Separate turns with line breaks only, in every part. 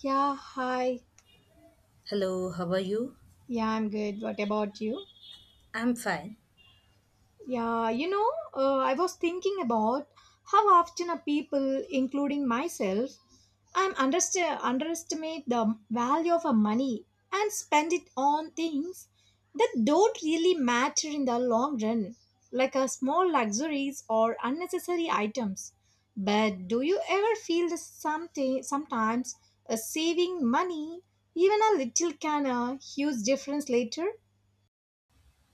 Yeah, hi.
Hello, how are you?
Yeah, I'm good. What about you?
I'm fine.
Yeah, you know, I was thinking about how often a people, including myself, underestimate the value of a money and spend it on things that don't really matter in the long run, like a small luxuries or unnecessary items. But do you ever feel that something sometimes saving money, even a little, can a huge difference later?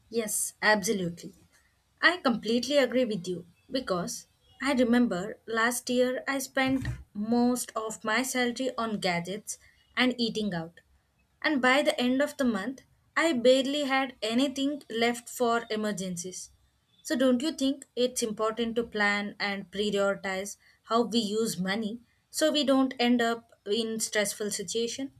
Yes, absolutely. I completely agree with you because I remember last year I spent most of my salary on gadgets and eating out. And by the end of the month, I barely had anything left for emergencies. So, don't you think it's important to plan and prioritize how we use money so we don't end up in stressful situation?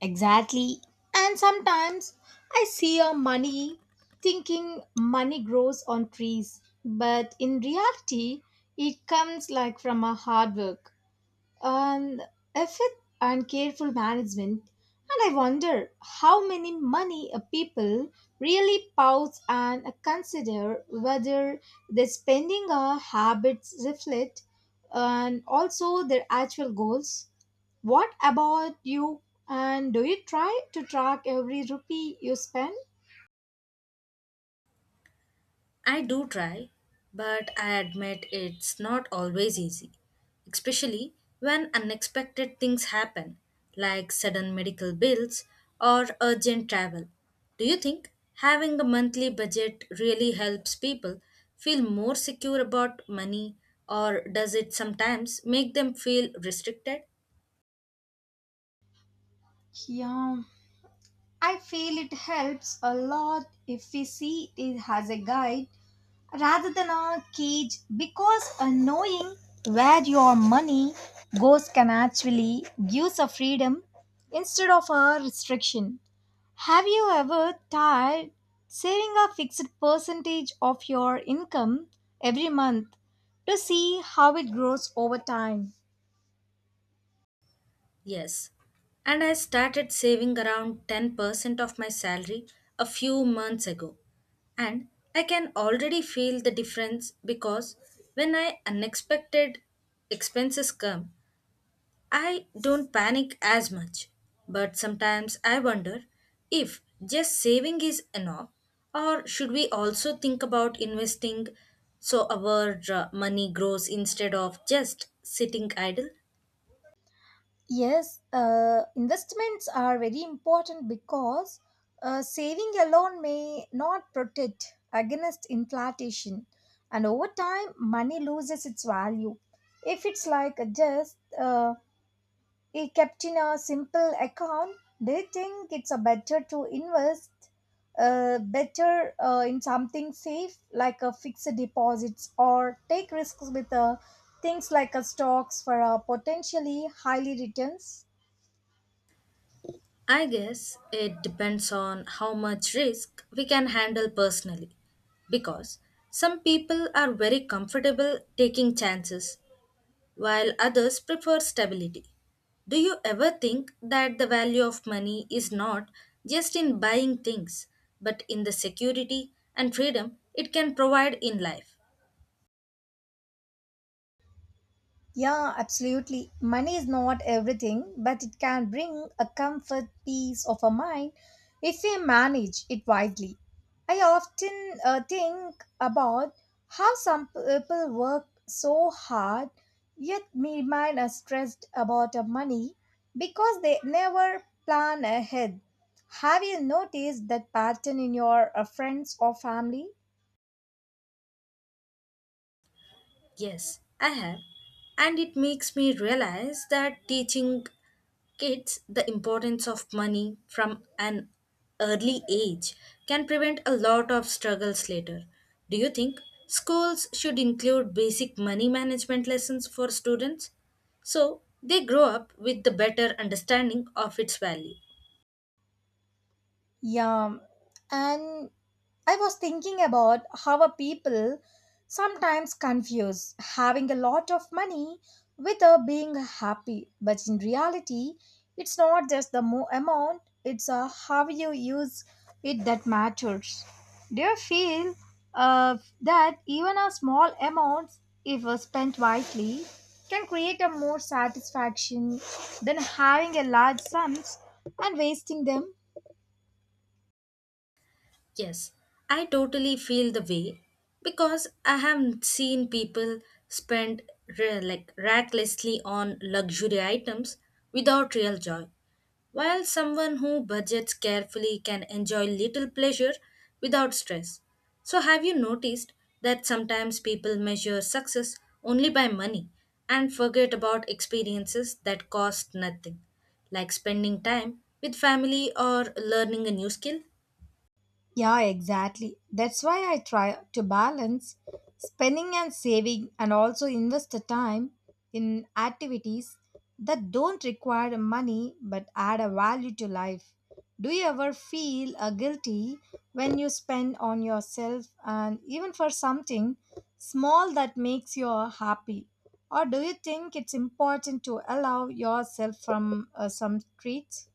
Exactly. And sometimes I see a money thinking money grows on trees, but in reality, it comes like from a hard work. Um, if it and careful management, and I wonder how many money a people really pause and consider whether their spending habits reflect and also their actual goals. What about you? And do you try to track every rupee you spend?
I do try, but I admit it's not always easy, especially when unexpected things happen, like sudden medical bills or urgent travel. Do you think having a monthly budget really helps people feel more secure about money, or does it sometimes make them feel restricted?
Yeah, I feel it helps a lot if we see it as a guide rather than a cage because knowing where your money goes can actually gives a freedom instead of a restriction. Have you ever tried saving a fixed percentage of your income every month to see how it grows over time?
Yes. And I started saving around 10% of my salary a few months ago. And I can already feel the difference because when I unexpected expenses come, I don't panic as much. But sometimes I wonder if just saving is enough or should we also think about investing so our money grows instead of just sitting idle?
Yes, investments are very important because saving alone may not protect against inflation, and over time, money loses its value. If it's like just it kept in a simple account, they think it's a better to invest better in something safe like a fixed deposits or take risks with things like a stocks for potentially highly returns.
I guess it depends on how much risk we can handle personally. Because some people are very comfortable taking chances, while others prefer stability. Do you ever think that the value of money is not just in buying things, but in the security and freedom it can provide in life?
Yeah, absolutely. Money is not everything, but it can bring a comfort, peace of a mind if we manage it wisely. I often think about how some people work so hard yet remain stressed about money because they never plan ahead. Have you noticed that pattern in your friends or family?
Yes, I have. And it makes me realize that teaching kids the importance of money from an early age can prevent a lot of struggles later. Do you think schools should include basic money management lessons for students so they grow up with the better understanding of its value?
Yeah, and I was thinking about how a people sometimes confuse having a lot of money with being happy, but in reality, it's not just the amount, it's how you use it that matters. Do you feel that even a small amount, if spent wisely, can create a more satisfaction than having a large sums and wasting them?
Yes, I totally feel the way because I have seen people spend like recklessly on luxury items without real joy, while someone who budgets carefully can enjoy little pleasure without stress. So, have you noticed that sometimes people measure success only by money and forget about experiences that cost nothing, like spending time with family or learning a new skill?
Yeah, exactly. That's why I try to balance spending and saving and also invest the time in activities that don't require money but add a value to life. Do you ever feel guilty when you spend on yourself and even for something small that makes you happy? Or do you think it's important to allow yourself from some treats?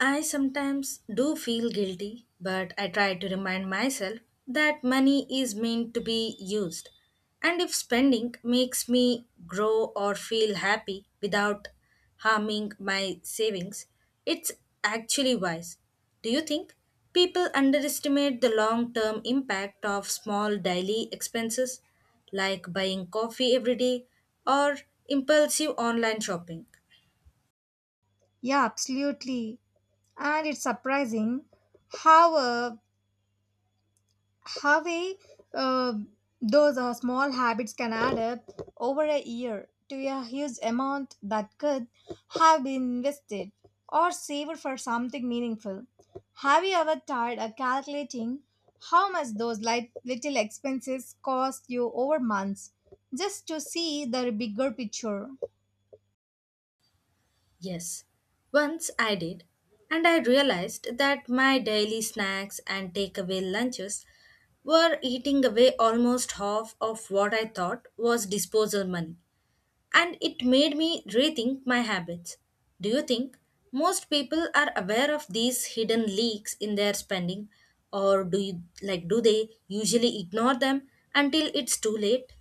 I sometimes do feel guilty, but I try to remind myself that money is meant to be used. And if spending makes me grow or feel happy without harming my savings, it's actually wise. Do you think people underestimate the long term impact of small daily expenses like buying coffee every day or impulsive online shopping?
Yeah, absolutely. And it's surprising how uh, how uh, those small habits can add up over a year to a huge amount that could have been invested or saved for something meaningful. Have you ever tried calculating how much those light, little expenses cost you over months just to see the bigger picture?
Yes, once I did, and I realized that my daily snacks and takeaway lunches were eating away almost half of what I thought was disposal money, and it made me rethink my habits. Do you think most people are aware of these hidden leaks in their spending, or do you do they usually ignore them until it's too late?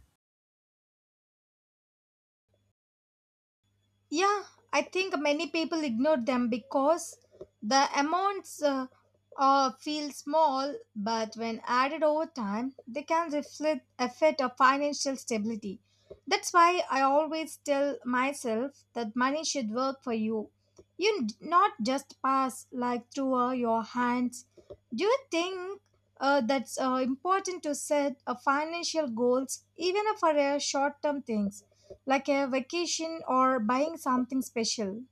Yeah, I think many people ignore them because the amounts feel small, but when added over time, they can reflect affect our financial stability. That's why I always tell myself that money should work for you. Not just pass like through your hands. Do you think that's important to set a financial goals even for a short term things, like a vacation or buying something special?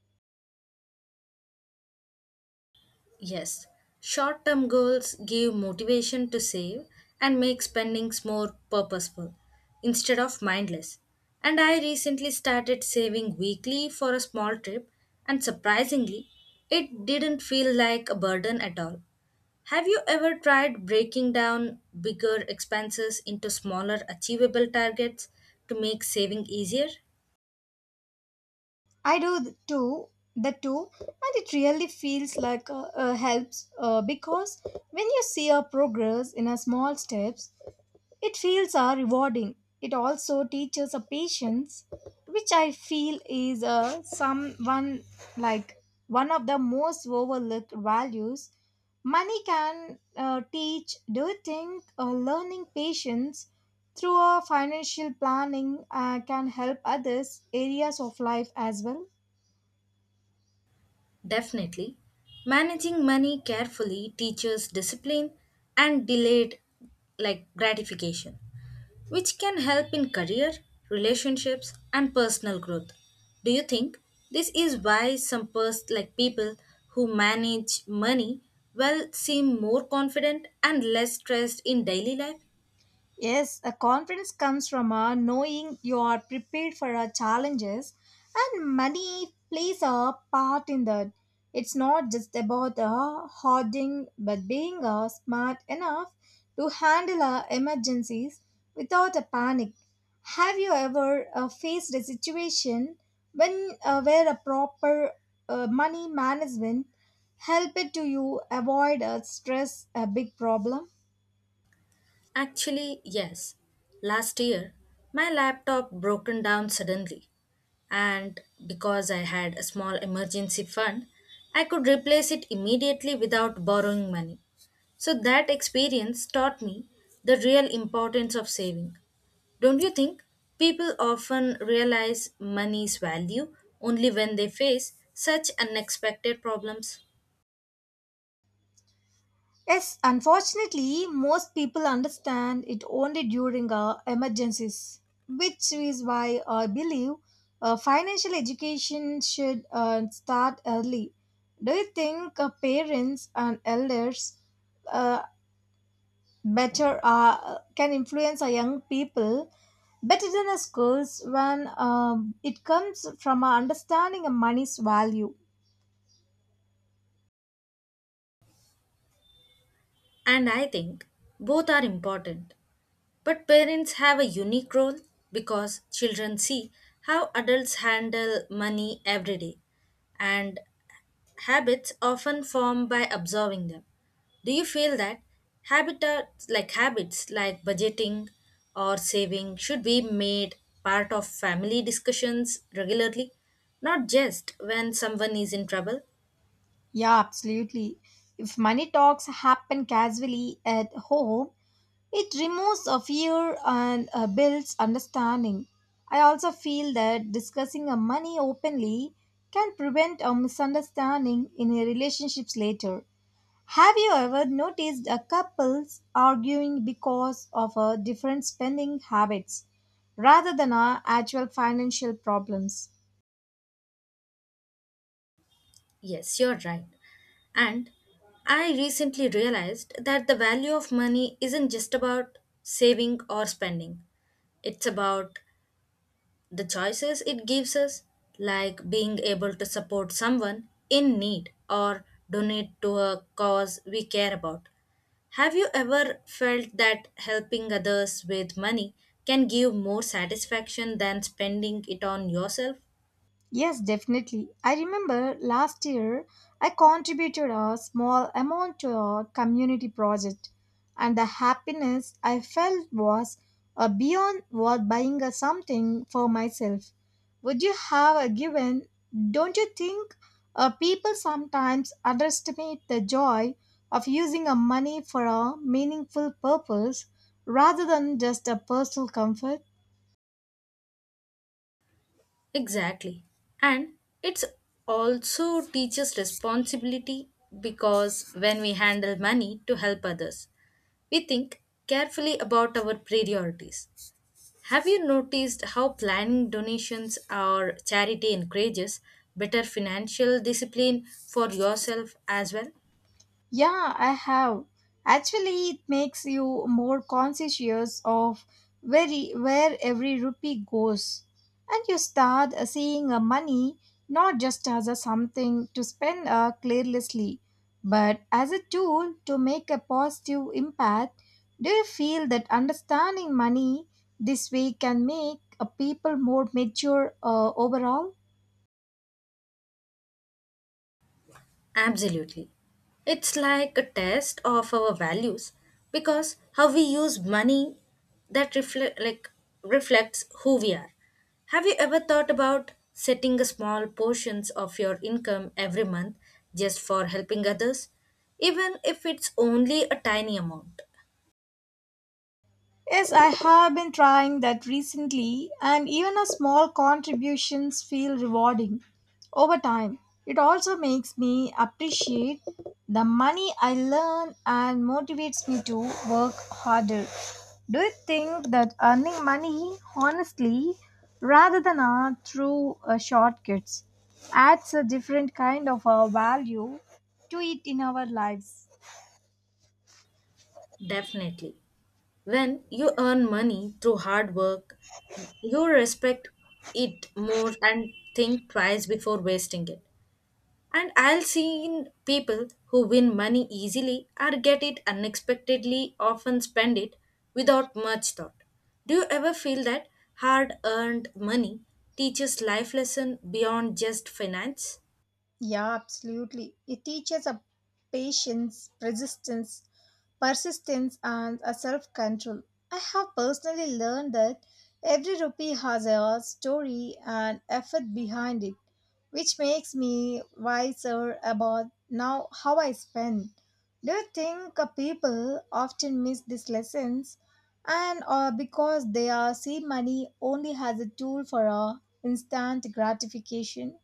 Yes, short term goals give motivation to save and make spendings more purposeful instead of mindless. And I recently started saving weekly for a small trip, and surprisingly, it didn't feel like a burden at all. Have you ever tried breaking down bigger expenses into smaller achievable targets to make saving easier?
I do too the two and it really feels like helps because when you see your progress in a small steps. It feels rewarding. It also teaches a patience, which I feel is someone like one of the most overlooked values. Money can teach. Do you think learning patience through a financial planning can help others areas of life as well?
Definitely. Managing money carefully teaches discipline and delayed gratification, which can help in career, relationships and personal growth. Do you think this is why some like people who manage money well seem more confident and less stressed in daily life?
Yes, a confidence comes from a knowing you are prepared for our challenges, and money plays a part in that. It's not just about hoarding, but being smart enough to handle emergencies without a panic. Have you ever faced a situation when where a proper money management helped to you avoid stress a big problem?
Actually, yes. Last year, my laptop broken down suddenly, and because I had a small emergency fund, I could replace it immediately without borrowing money. So that experience taught me the real importance of saving. Don't you think people often realize money's value only when they face such unexpected problems?
Yes, unfortunately, most people understand it only during emergencies, which is why I believe financial education should start early. Do you think parents and elders uh, better can influence our young people better than the schools when it comes from our understanding of money's value?
And I think both are important. But parents have a unique role because children see how adults handle money every day, and habits often form by observing them. Do you feel that habitats like habits like budgeting or saving should be made part of family discussions regularly, not just when someone is in trouble?
Yeah, absolutely. If money talks happen casually at home, it removes a fear and builds understanding. I also feel that discussing money openly can prevent a misunderstanding in a relationships later. Have you ever noticed a couples arguing because of a different spending habits rather than actual financial problems?
Yes, you're right. And I recently realized that the value of money isn't just about saving or spending, it's about the choices it gives us, like being able to support someone in need or donate to a cause we care about. Have you ever felt that helping others with money can give more satisfaction than spending it on yourself?
Yes, definitely. I remember last year I contributed a small amount to a community project, and the happiness I felt was beyond what buying a something for myself. Would you have a given? Don't you think people sometimes underestimate the joy of using a money for a meaningful purpose rather than just a personal comfort?
Exactly. And it's also teaches responsibility because when we handle money to help others, we think carefully about our priorities. Have you noticed how planning donations or charity encourages better financial discipline for yourself as well?
Yeah, I have. Actually, it makes you more conscious of where, where every rupee goes. And you start seeing money not just as a something to spend carelessly, but as a tool to make a positive impact. Do you feel that understanding money this way can make people more mature overall?
Absolutely. It's like a test of our values because how we use money that reflect like reflects who we are. Have you ever thought about setting a small portions of your income every month just for helping others even if it's only a tiny amount?
Yes, I have been trying that recently, and even a small contributions feel rewarding over time. It also makes me appreciate the money I learn and motivates me to work harder. Do you think that earning money honestly rather than through shortcuts adds a different kind of value to it in our lives?
Definitely. When you earn money through hard work, you respect it more and think twice before wasting it. And I've seen people who win money easily or get it unexpectedly often spend it without much thought. Do you ever feel that hard earned money teaches life lesson beyond just finance?
Yeah, absolutely. It teaches a patience, persistence, and a self-control. I have personally learned that every rupee has a story and effort behind it, which makes me wiser about now how I spend. Do you think people often miss these lessons, and or because they are see money only as a tool for instant gratification?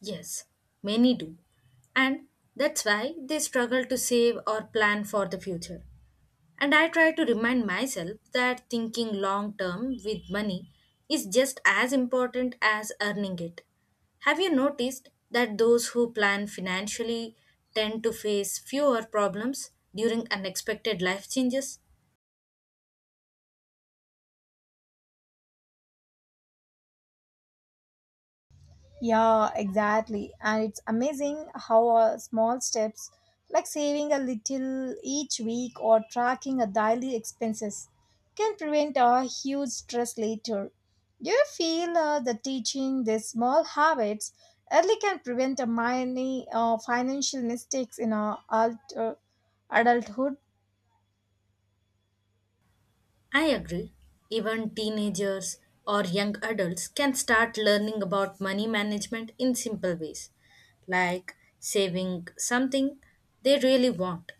Yes, many do. And that's why they struggle to save or plan for the future. And I try to remind myself that thinking long term with money is just as important as earning it. Have you noticed that those who plan financially tend to face fewer problems during unexpected life changes?
Yeah, exactly. And it's amazing how small steps, like saving a little each week or tracking a daily expenses, can prevent a huge stress later. Do you feel that teaching these small habits early can prevent a many financial mistakes in our adulthood?
I agree. Even teenagers or young adults can start learning about money management in simple ways, like saving something they really want.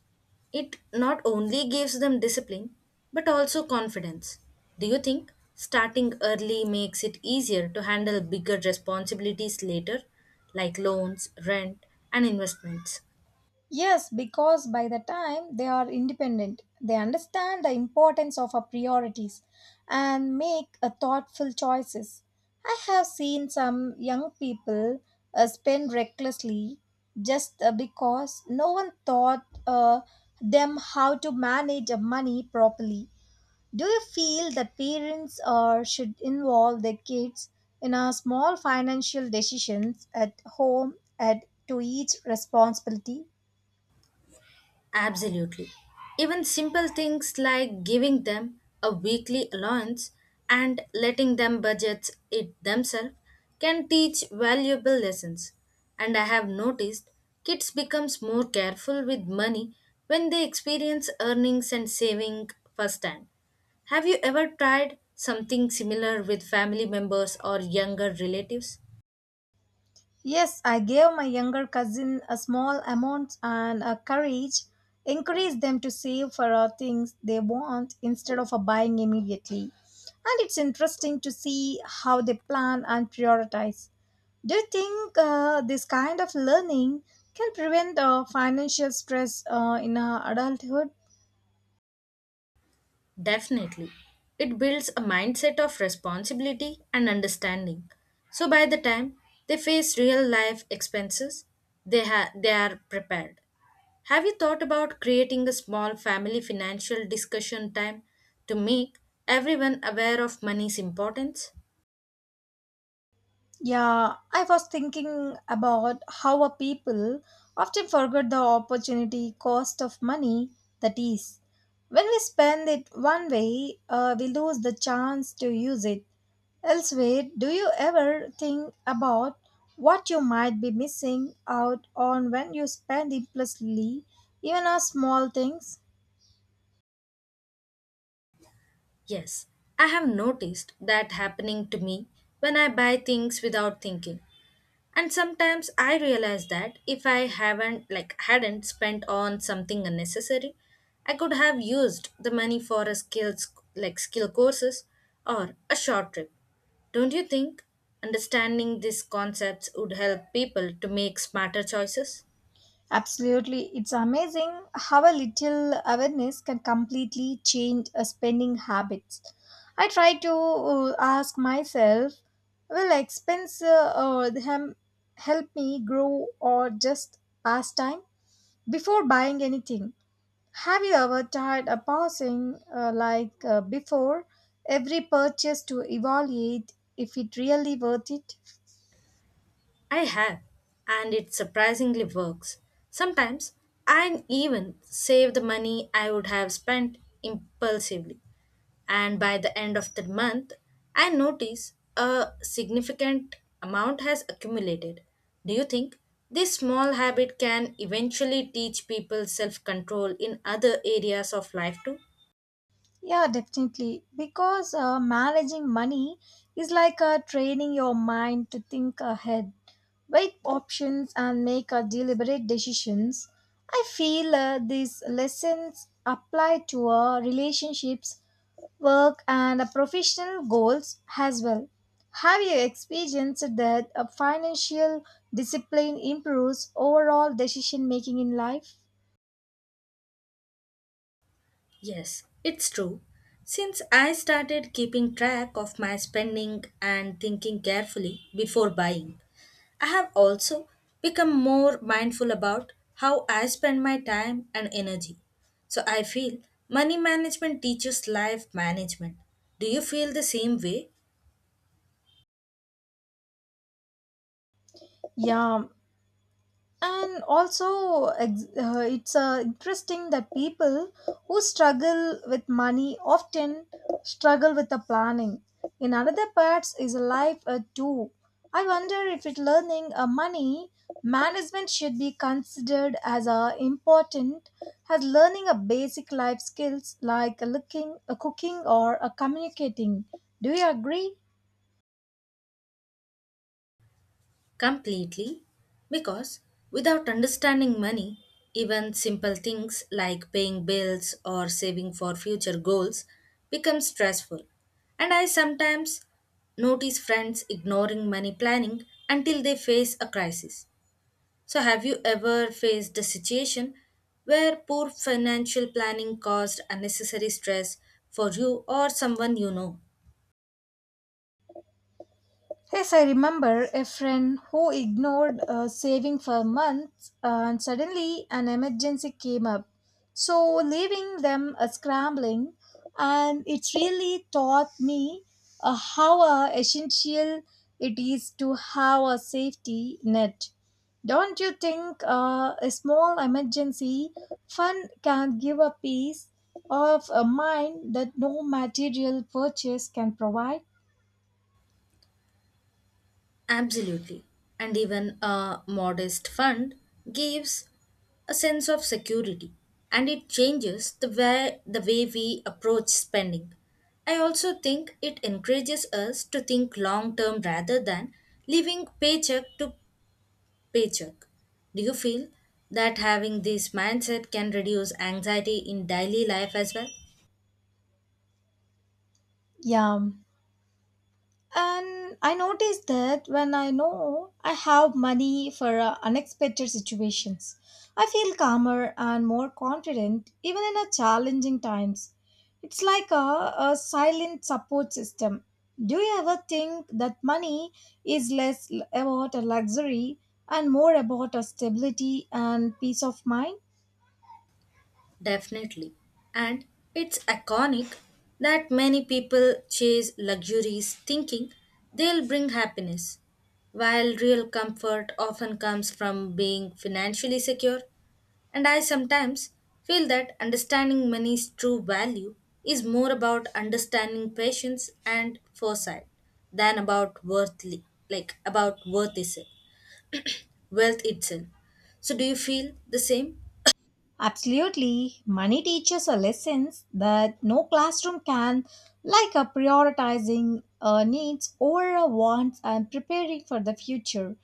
It not only gives them discipline, but also confidence. Do you think starting early makes it easier to handle bigger responsibilities later, like loans, rent, and investments?
Yes, because by the time they are independent, they understand the importance of our priorities and make a thoughtful choices. I have seen some young people spend recklessly just because no one taught them how to manage money properly. Do you feel that parents should involve their kids in a small financial decisions at home at to each responsibility?
Absolutely. Even simple things like giving them a weekly allowance and letting them budget it themselves can teach valuable lessons. And I have noticed kids becomes more careful with money when they experience earnings and saving firsthand. Have you ever tried something similar with family members or younger relatives?
Yes, I gave my younger cousin a small amount and encouraged them to save for things they want instead of buying immediately. And it's interesting to see how they plan and prioritize. Do you think this kind of learning can prevent financial stress in adulthood?
Definitely. It builds a mindset of responsibility and understanding. So by the time they face real life expenses, they are prepared. Have you thought about creating a small family financial discussion time to make everyone aware of money's importance?
Yeah, I was thinking about how a people often forget the opportunity cost of money, that is. When we spend it one way, we lose the chance to use it elsewhere. Do you ever think about what you might be missing out on when you spend impulsively, even on small things?
Yes, I have noticed that happening to me when I buy things without thinking. And sometimes I realize that if I haven't like hadn't spent on something unnecessary, I could have used the money for a skills like skill courses or a short trip. Don't you think understanding these concepts would help people to make smarter choices?
Absolutely. It's amazing how a little awareness can completely change a spending habits. I try to ask myself, will expense help me grow or just pass time before buying anything? Have you ever tried a pausing before every purchase to evaluate if it really worth it?
I have, and it surprisingly works. Sometimes I even save the money I would have spent impulsively, and by the end of the month, I notice a significant amount has accumulated. Do you think this small habit can eventually teach people self control in other areas of life too?
Yeah, definitely. Because managing money is like training your mind to think ahead, weigh options, and make deliberate decisions. I feel these lessons apply to relationships, work, and professional goals as well. Have you experienced that financial discipline improves overall decision making in life?
Yes, it's true. Since I started keeping track of my spending and thinking carefully before buying, I have also become more mindful about how I spend my time and energy. So I feel money management teaches life management. Do you feel the same way?
Yeah, and also it's interesting that people who struggle with money often struggle with the planning in another parts is life too. I wonder if it learning money management should be considered as important as learning a basic life skills like looking cooking or communicating. Do you agree?
Completely. Because without understanding money, even simple things like paying bills or saving for future goals become stressful. And I sometimes notice friends ignoring money planning until they face a crisis. So, have you ever faced a situation where poor financial planning caused unnecessary stress for you or someone you know?
Yes, I remember a friend who ignored saving for months and suddenly an emergency came up. So, leaving them scrambling, and it really taught me how essential it is to have a safety net. Don't you think a small emergency fund can give a peace of a mind that no material purchase can provide?
Absolutely. And even a modest fund gives a sense of security and it changes the way we approach spending. I also think it encourages us to think long term rather than living paycheck to paycheck. Do you feel that having this mindset can reduce anxiety in daily life as well?
Yeah. And I notice that when I know I have money for unexpected situations, I feel calmer and more confident even in a challenging times. It's like a silent support system. Do you ever think that money is less about a luxury and more about a stability and peace of mind?
Definitely. And it's iconic that many people chase luxuries thinking they'll bring happiness, while real comfort often comes from being financially secure. And I sometimes feel that understanding money's true value is more about understanding patience and foresight than about worth wealth itself. So do you feel the same?
Absolutely. Money teaches a lessons that no classroom can, like a prioritizing needs over wants and preparing for the future.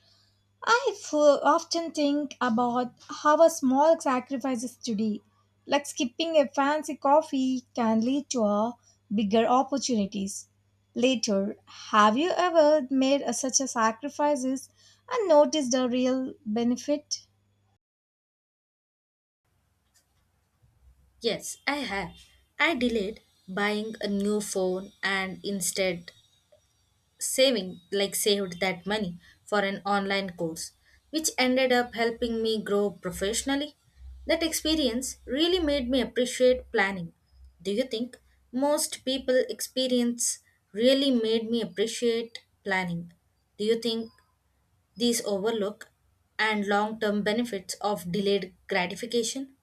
I often think about how a small sacrifices today, like skipping a fancy coffee, can lead to a bigger opportunities later. Have you ever made a, such a sacrifices and noticed the real benefit?
Yes, I have. I delayed buying a new phone and instead saving, like saved that money for an online course, which ended up helping me grow professionally. That experience really made me appreciate planning. Do you think most people experience really made me appreciate planning? Do you think these overlook and long term benefits of delayed gratification?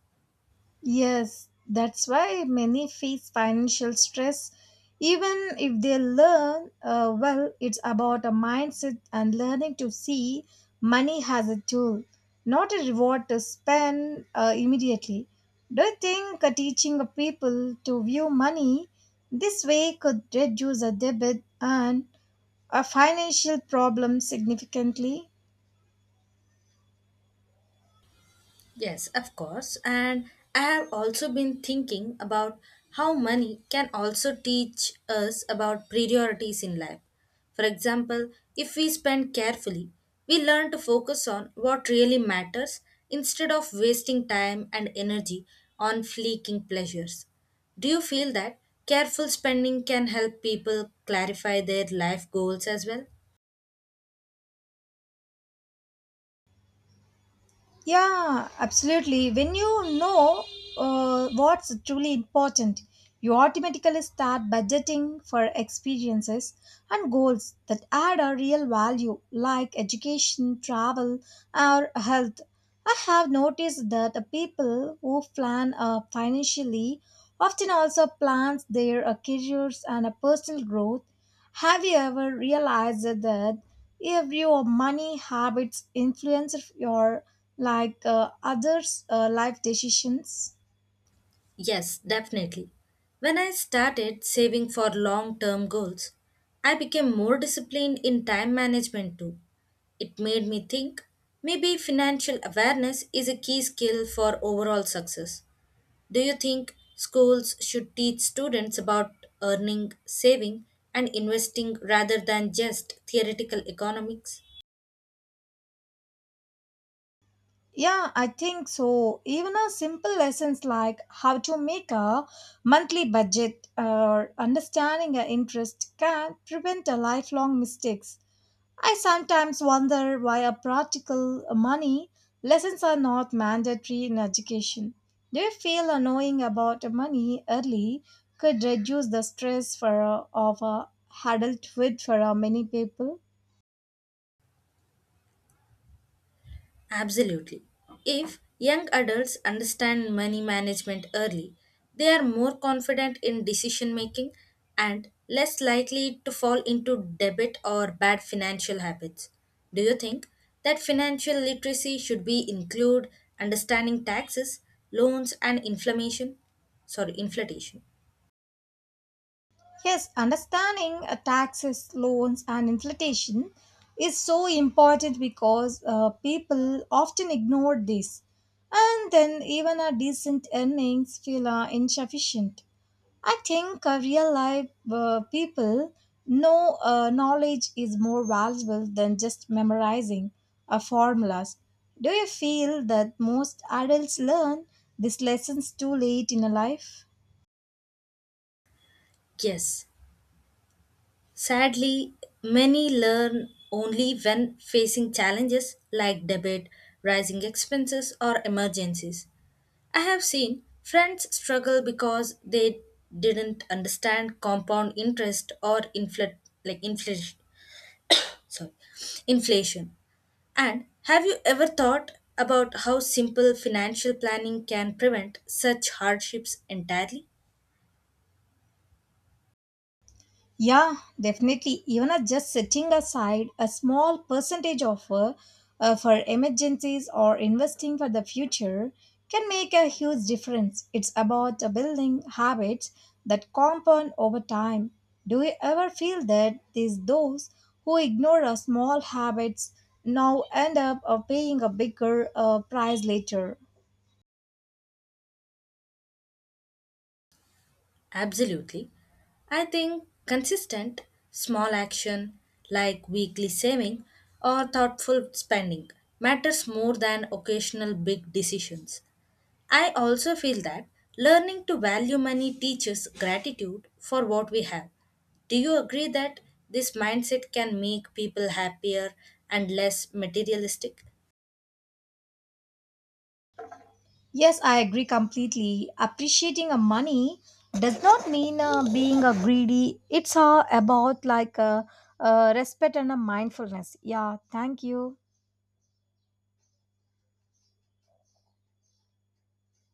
Yes, that's why many face financial stress. Even if they learn, well, it's about a mindset and learning to see money as a tool, not a reward to spend immediately. Do you think teaching people to view money this way could reduce a debit and a financial problem significantly?
Yes, of course. And I have also been thinking about how money can also teach us about priorities in life. For example, if we spend carefully, we learn to focus on what really matters instead of wasting time and energy on fleeting pleasures. Do you feel that careful spending can help people clarify their life goals as well?
Yeah, absolutely. When you know what's truly important, you automatically start budgeting for experiences and goals that add a real value, like education, travel, or health. I have noticed that the people who plan financially often also plans their careers and personal growth. Have you ever realized that if your money habits influence your others' life decisions?
Yes, definitely. When I started saving for long term goals, I became more disciplined in time management too. It made me think maybe financial awareness is a key skill for overall success. Do you think schools should teach students about earning, saving, and investing rather than just theoretical economics?
Yeah, I think so. Even a simple lessons like how to make a monthly budget or understanding an interest can prevent a lifelong mistakes. I sometimes wonder why a practical money lessons are not mandatory in education. Do you feel a knowing about money early could reduce the stress for of adulthood for many people?
Absolutely. If young adults understand money management early, they are more confident in decision making and less likely to fall into debit or bad financial habits. Do you think that financial literacy should be include understanding taxes, loans and inflammation? Sorry, inflation.
Yes, understanding taxes, loans, and inflation is so important because people often ignore this, and then even a decent earnings feel insufficient. I think real life people knowledge is more valuable than just memorizing formulas. Do you feel that most adults learn these lessons too late in a life?
Yes. Sadly, many learn only when facing challenges like debt, rising expenses, or emergencies. I have seen friends struggle because they didn't understand compound interest or inflation. Sorry, inflation. And have you ever thought about how simple financial planning can prevent such hardships entirely?
Yeah, definitely. Even at just setting aside a small percentage of for emergencies or investing for the future can make a huge difference. It's about building habits that compound over time. Do you ever feel that these those who ignore a small habits now end up paying a bigger price later?
Absolutely. I think consistent, small action like weekly saving or thoughtful spending matters more than occasional big decisions. I also feel that learning to value money teaches gratitude for what we have. Do you agree that this mindset can make people happier and less materialistic?
Yes, I agree completely. Appreciating a money does not mean being a greedy. It's about respect and a mindfulness. Yeah, thank you.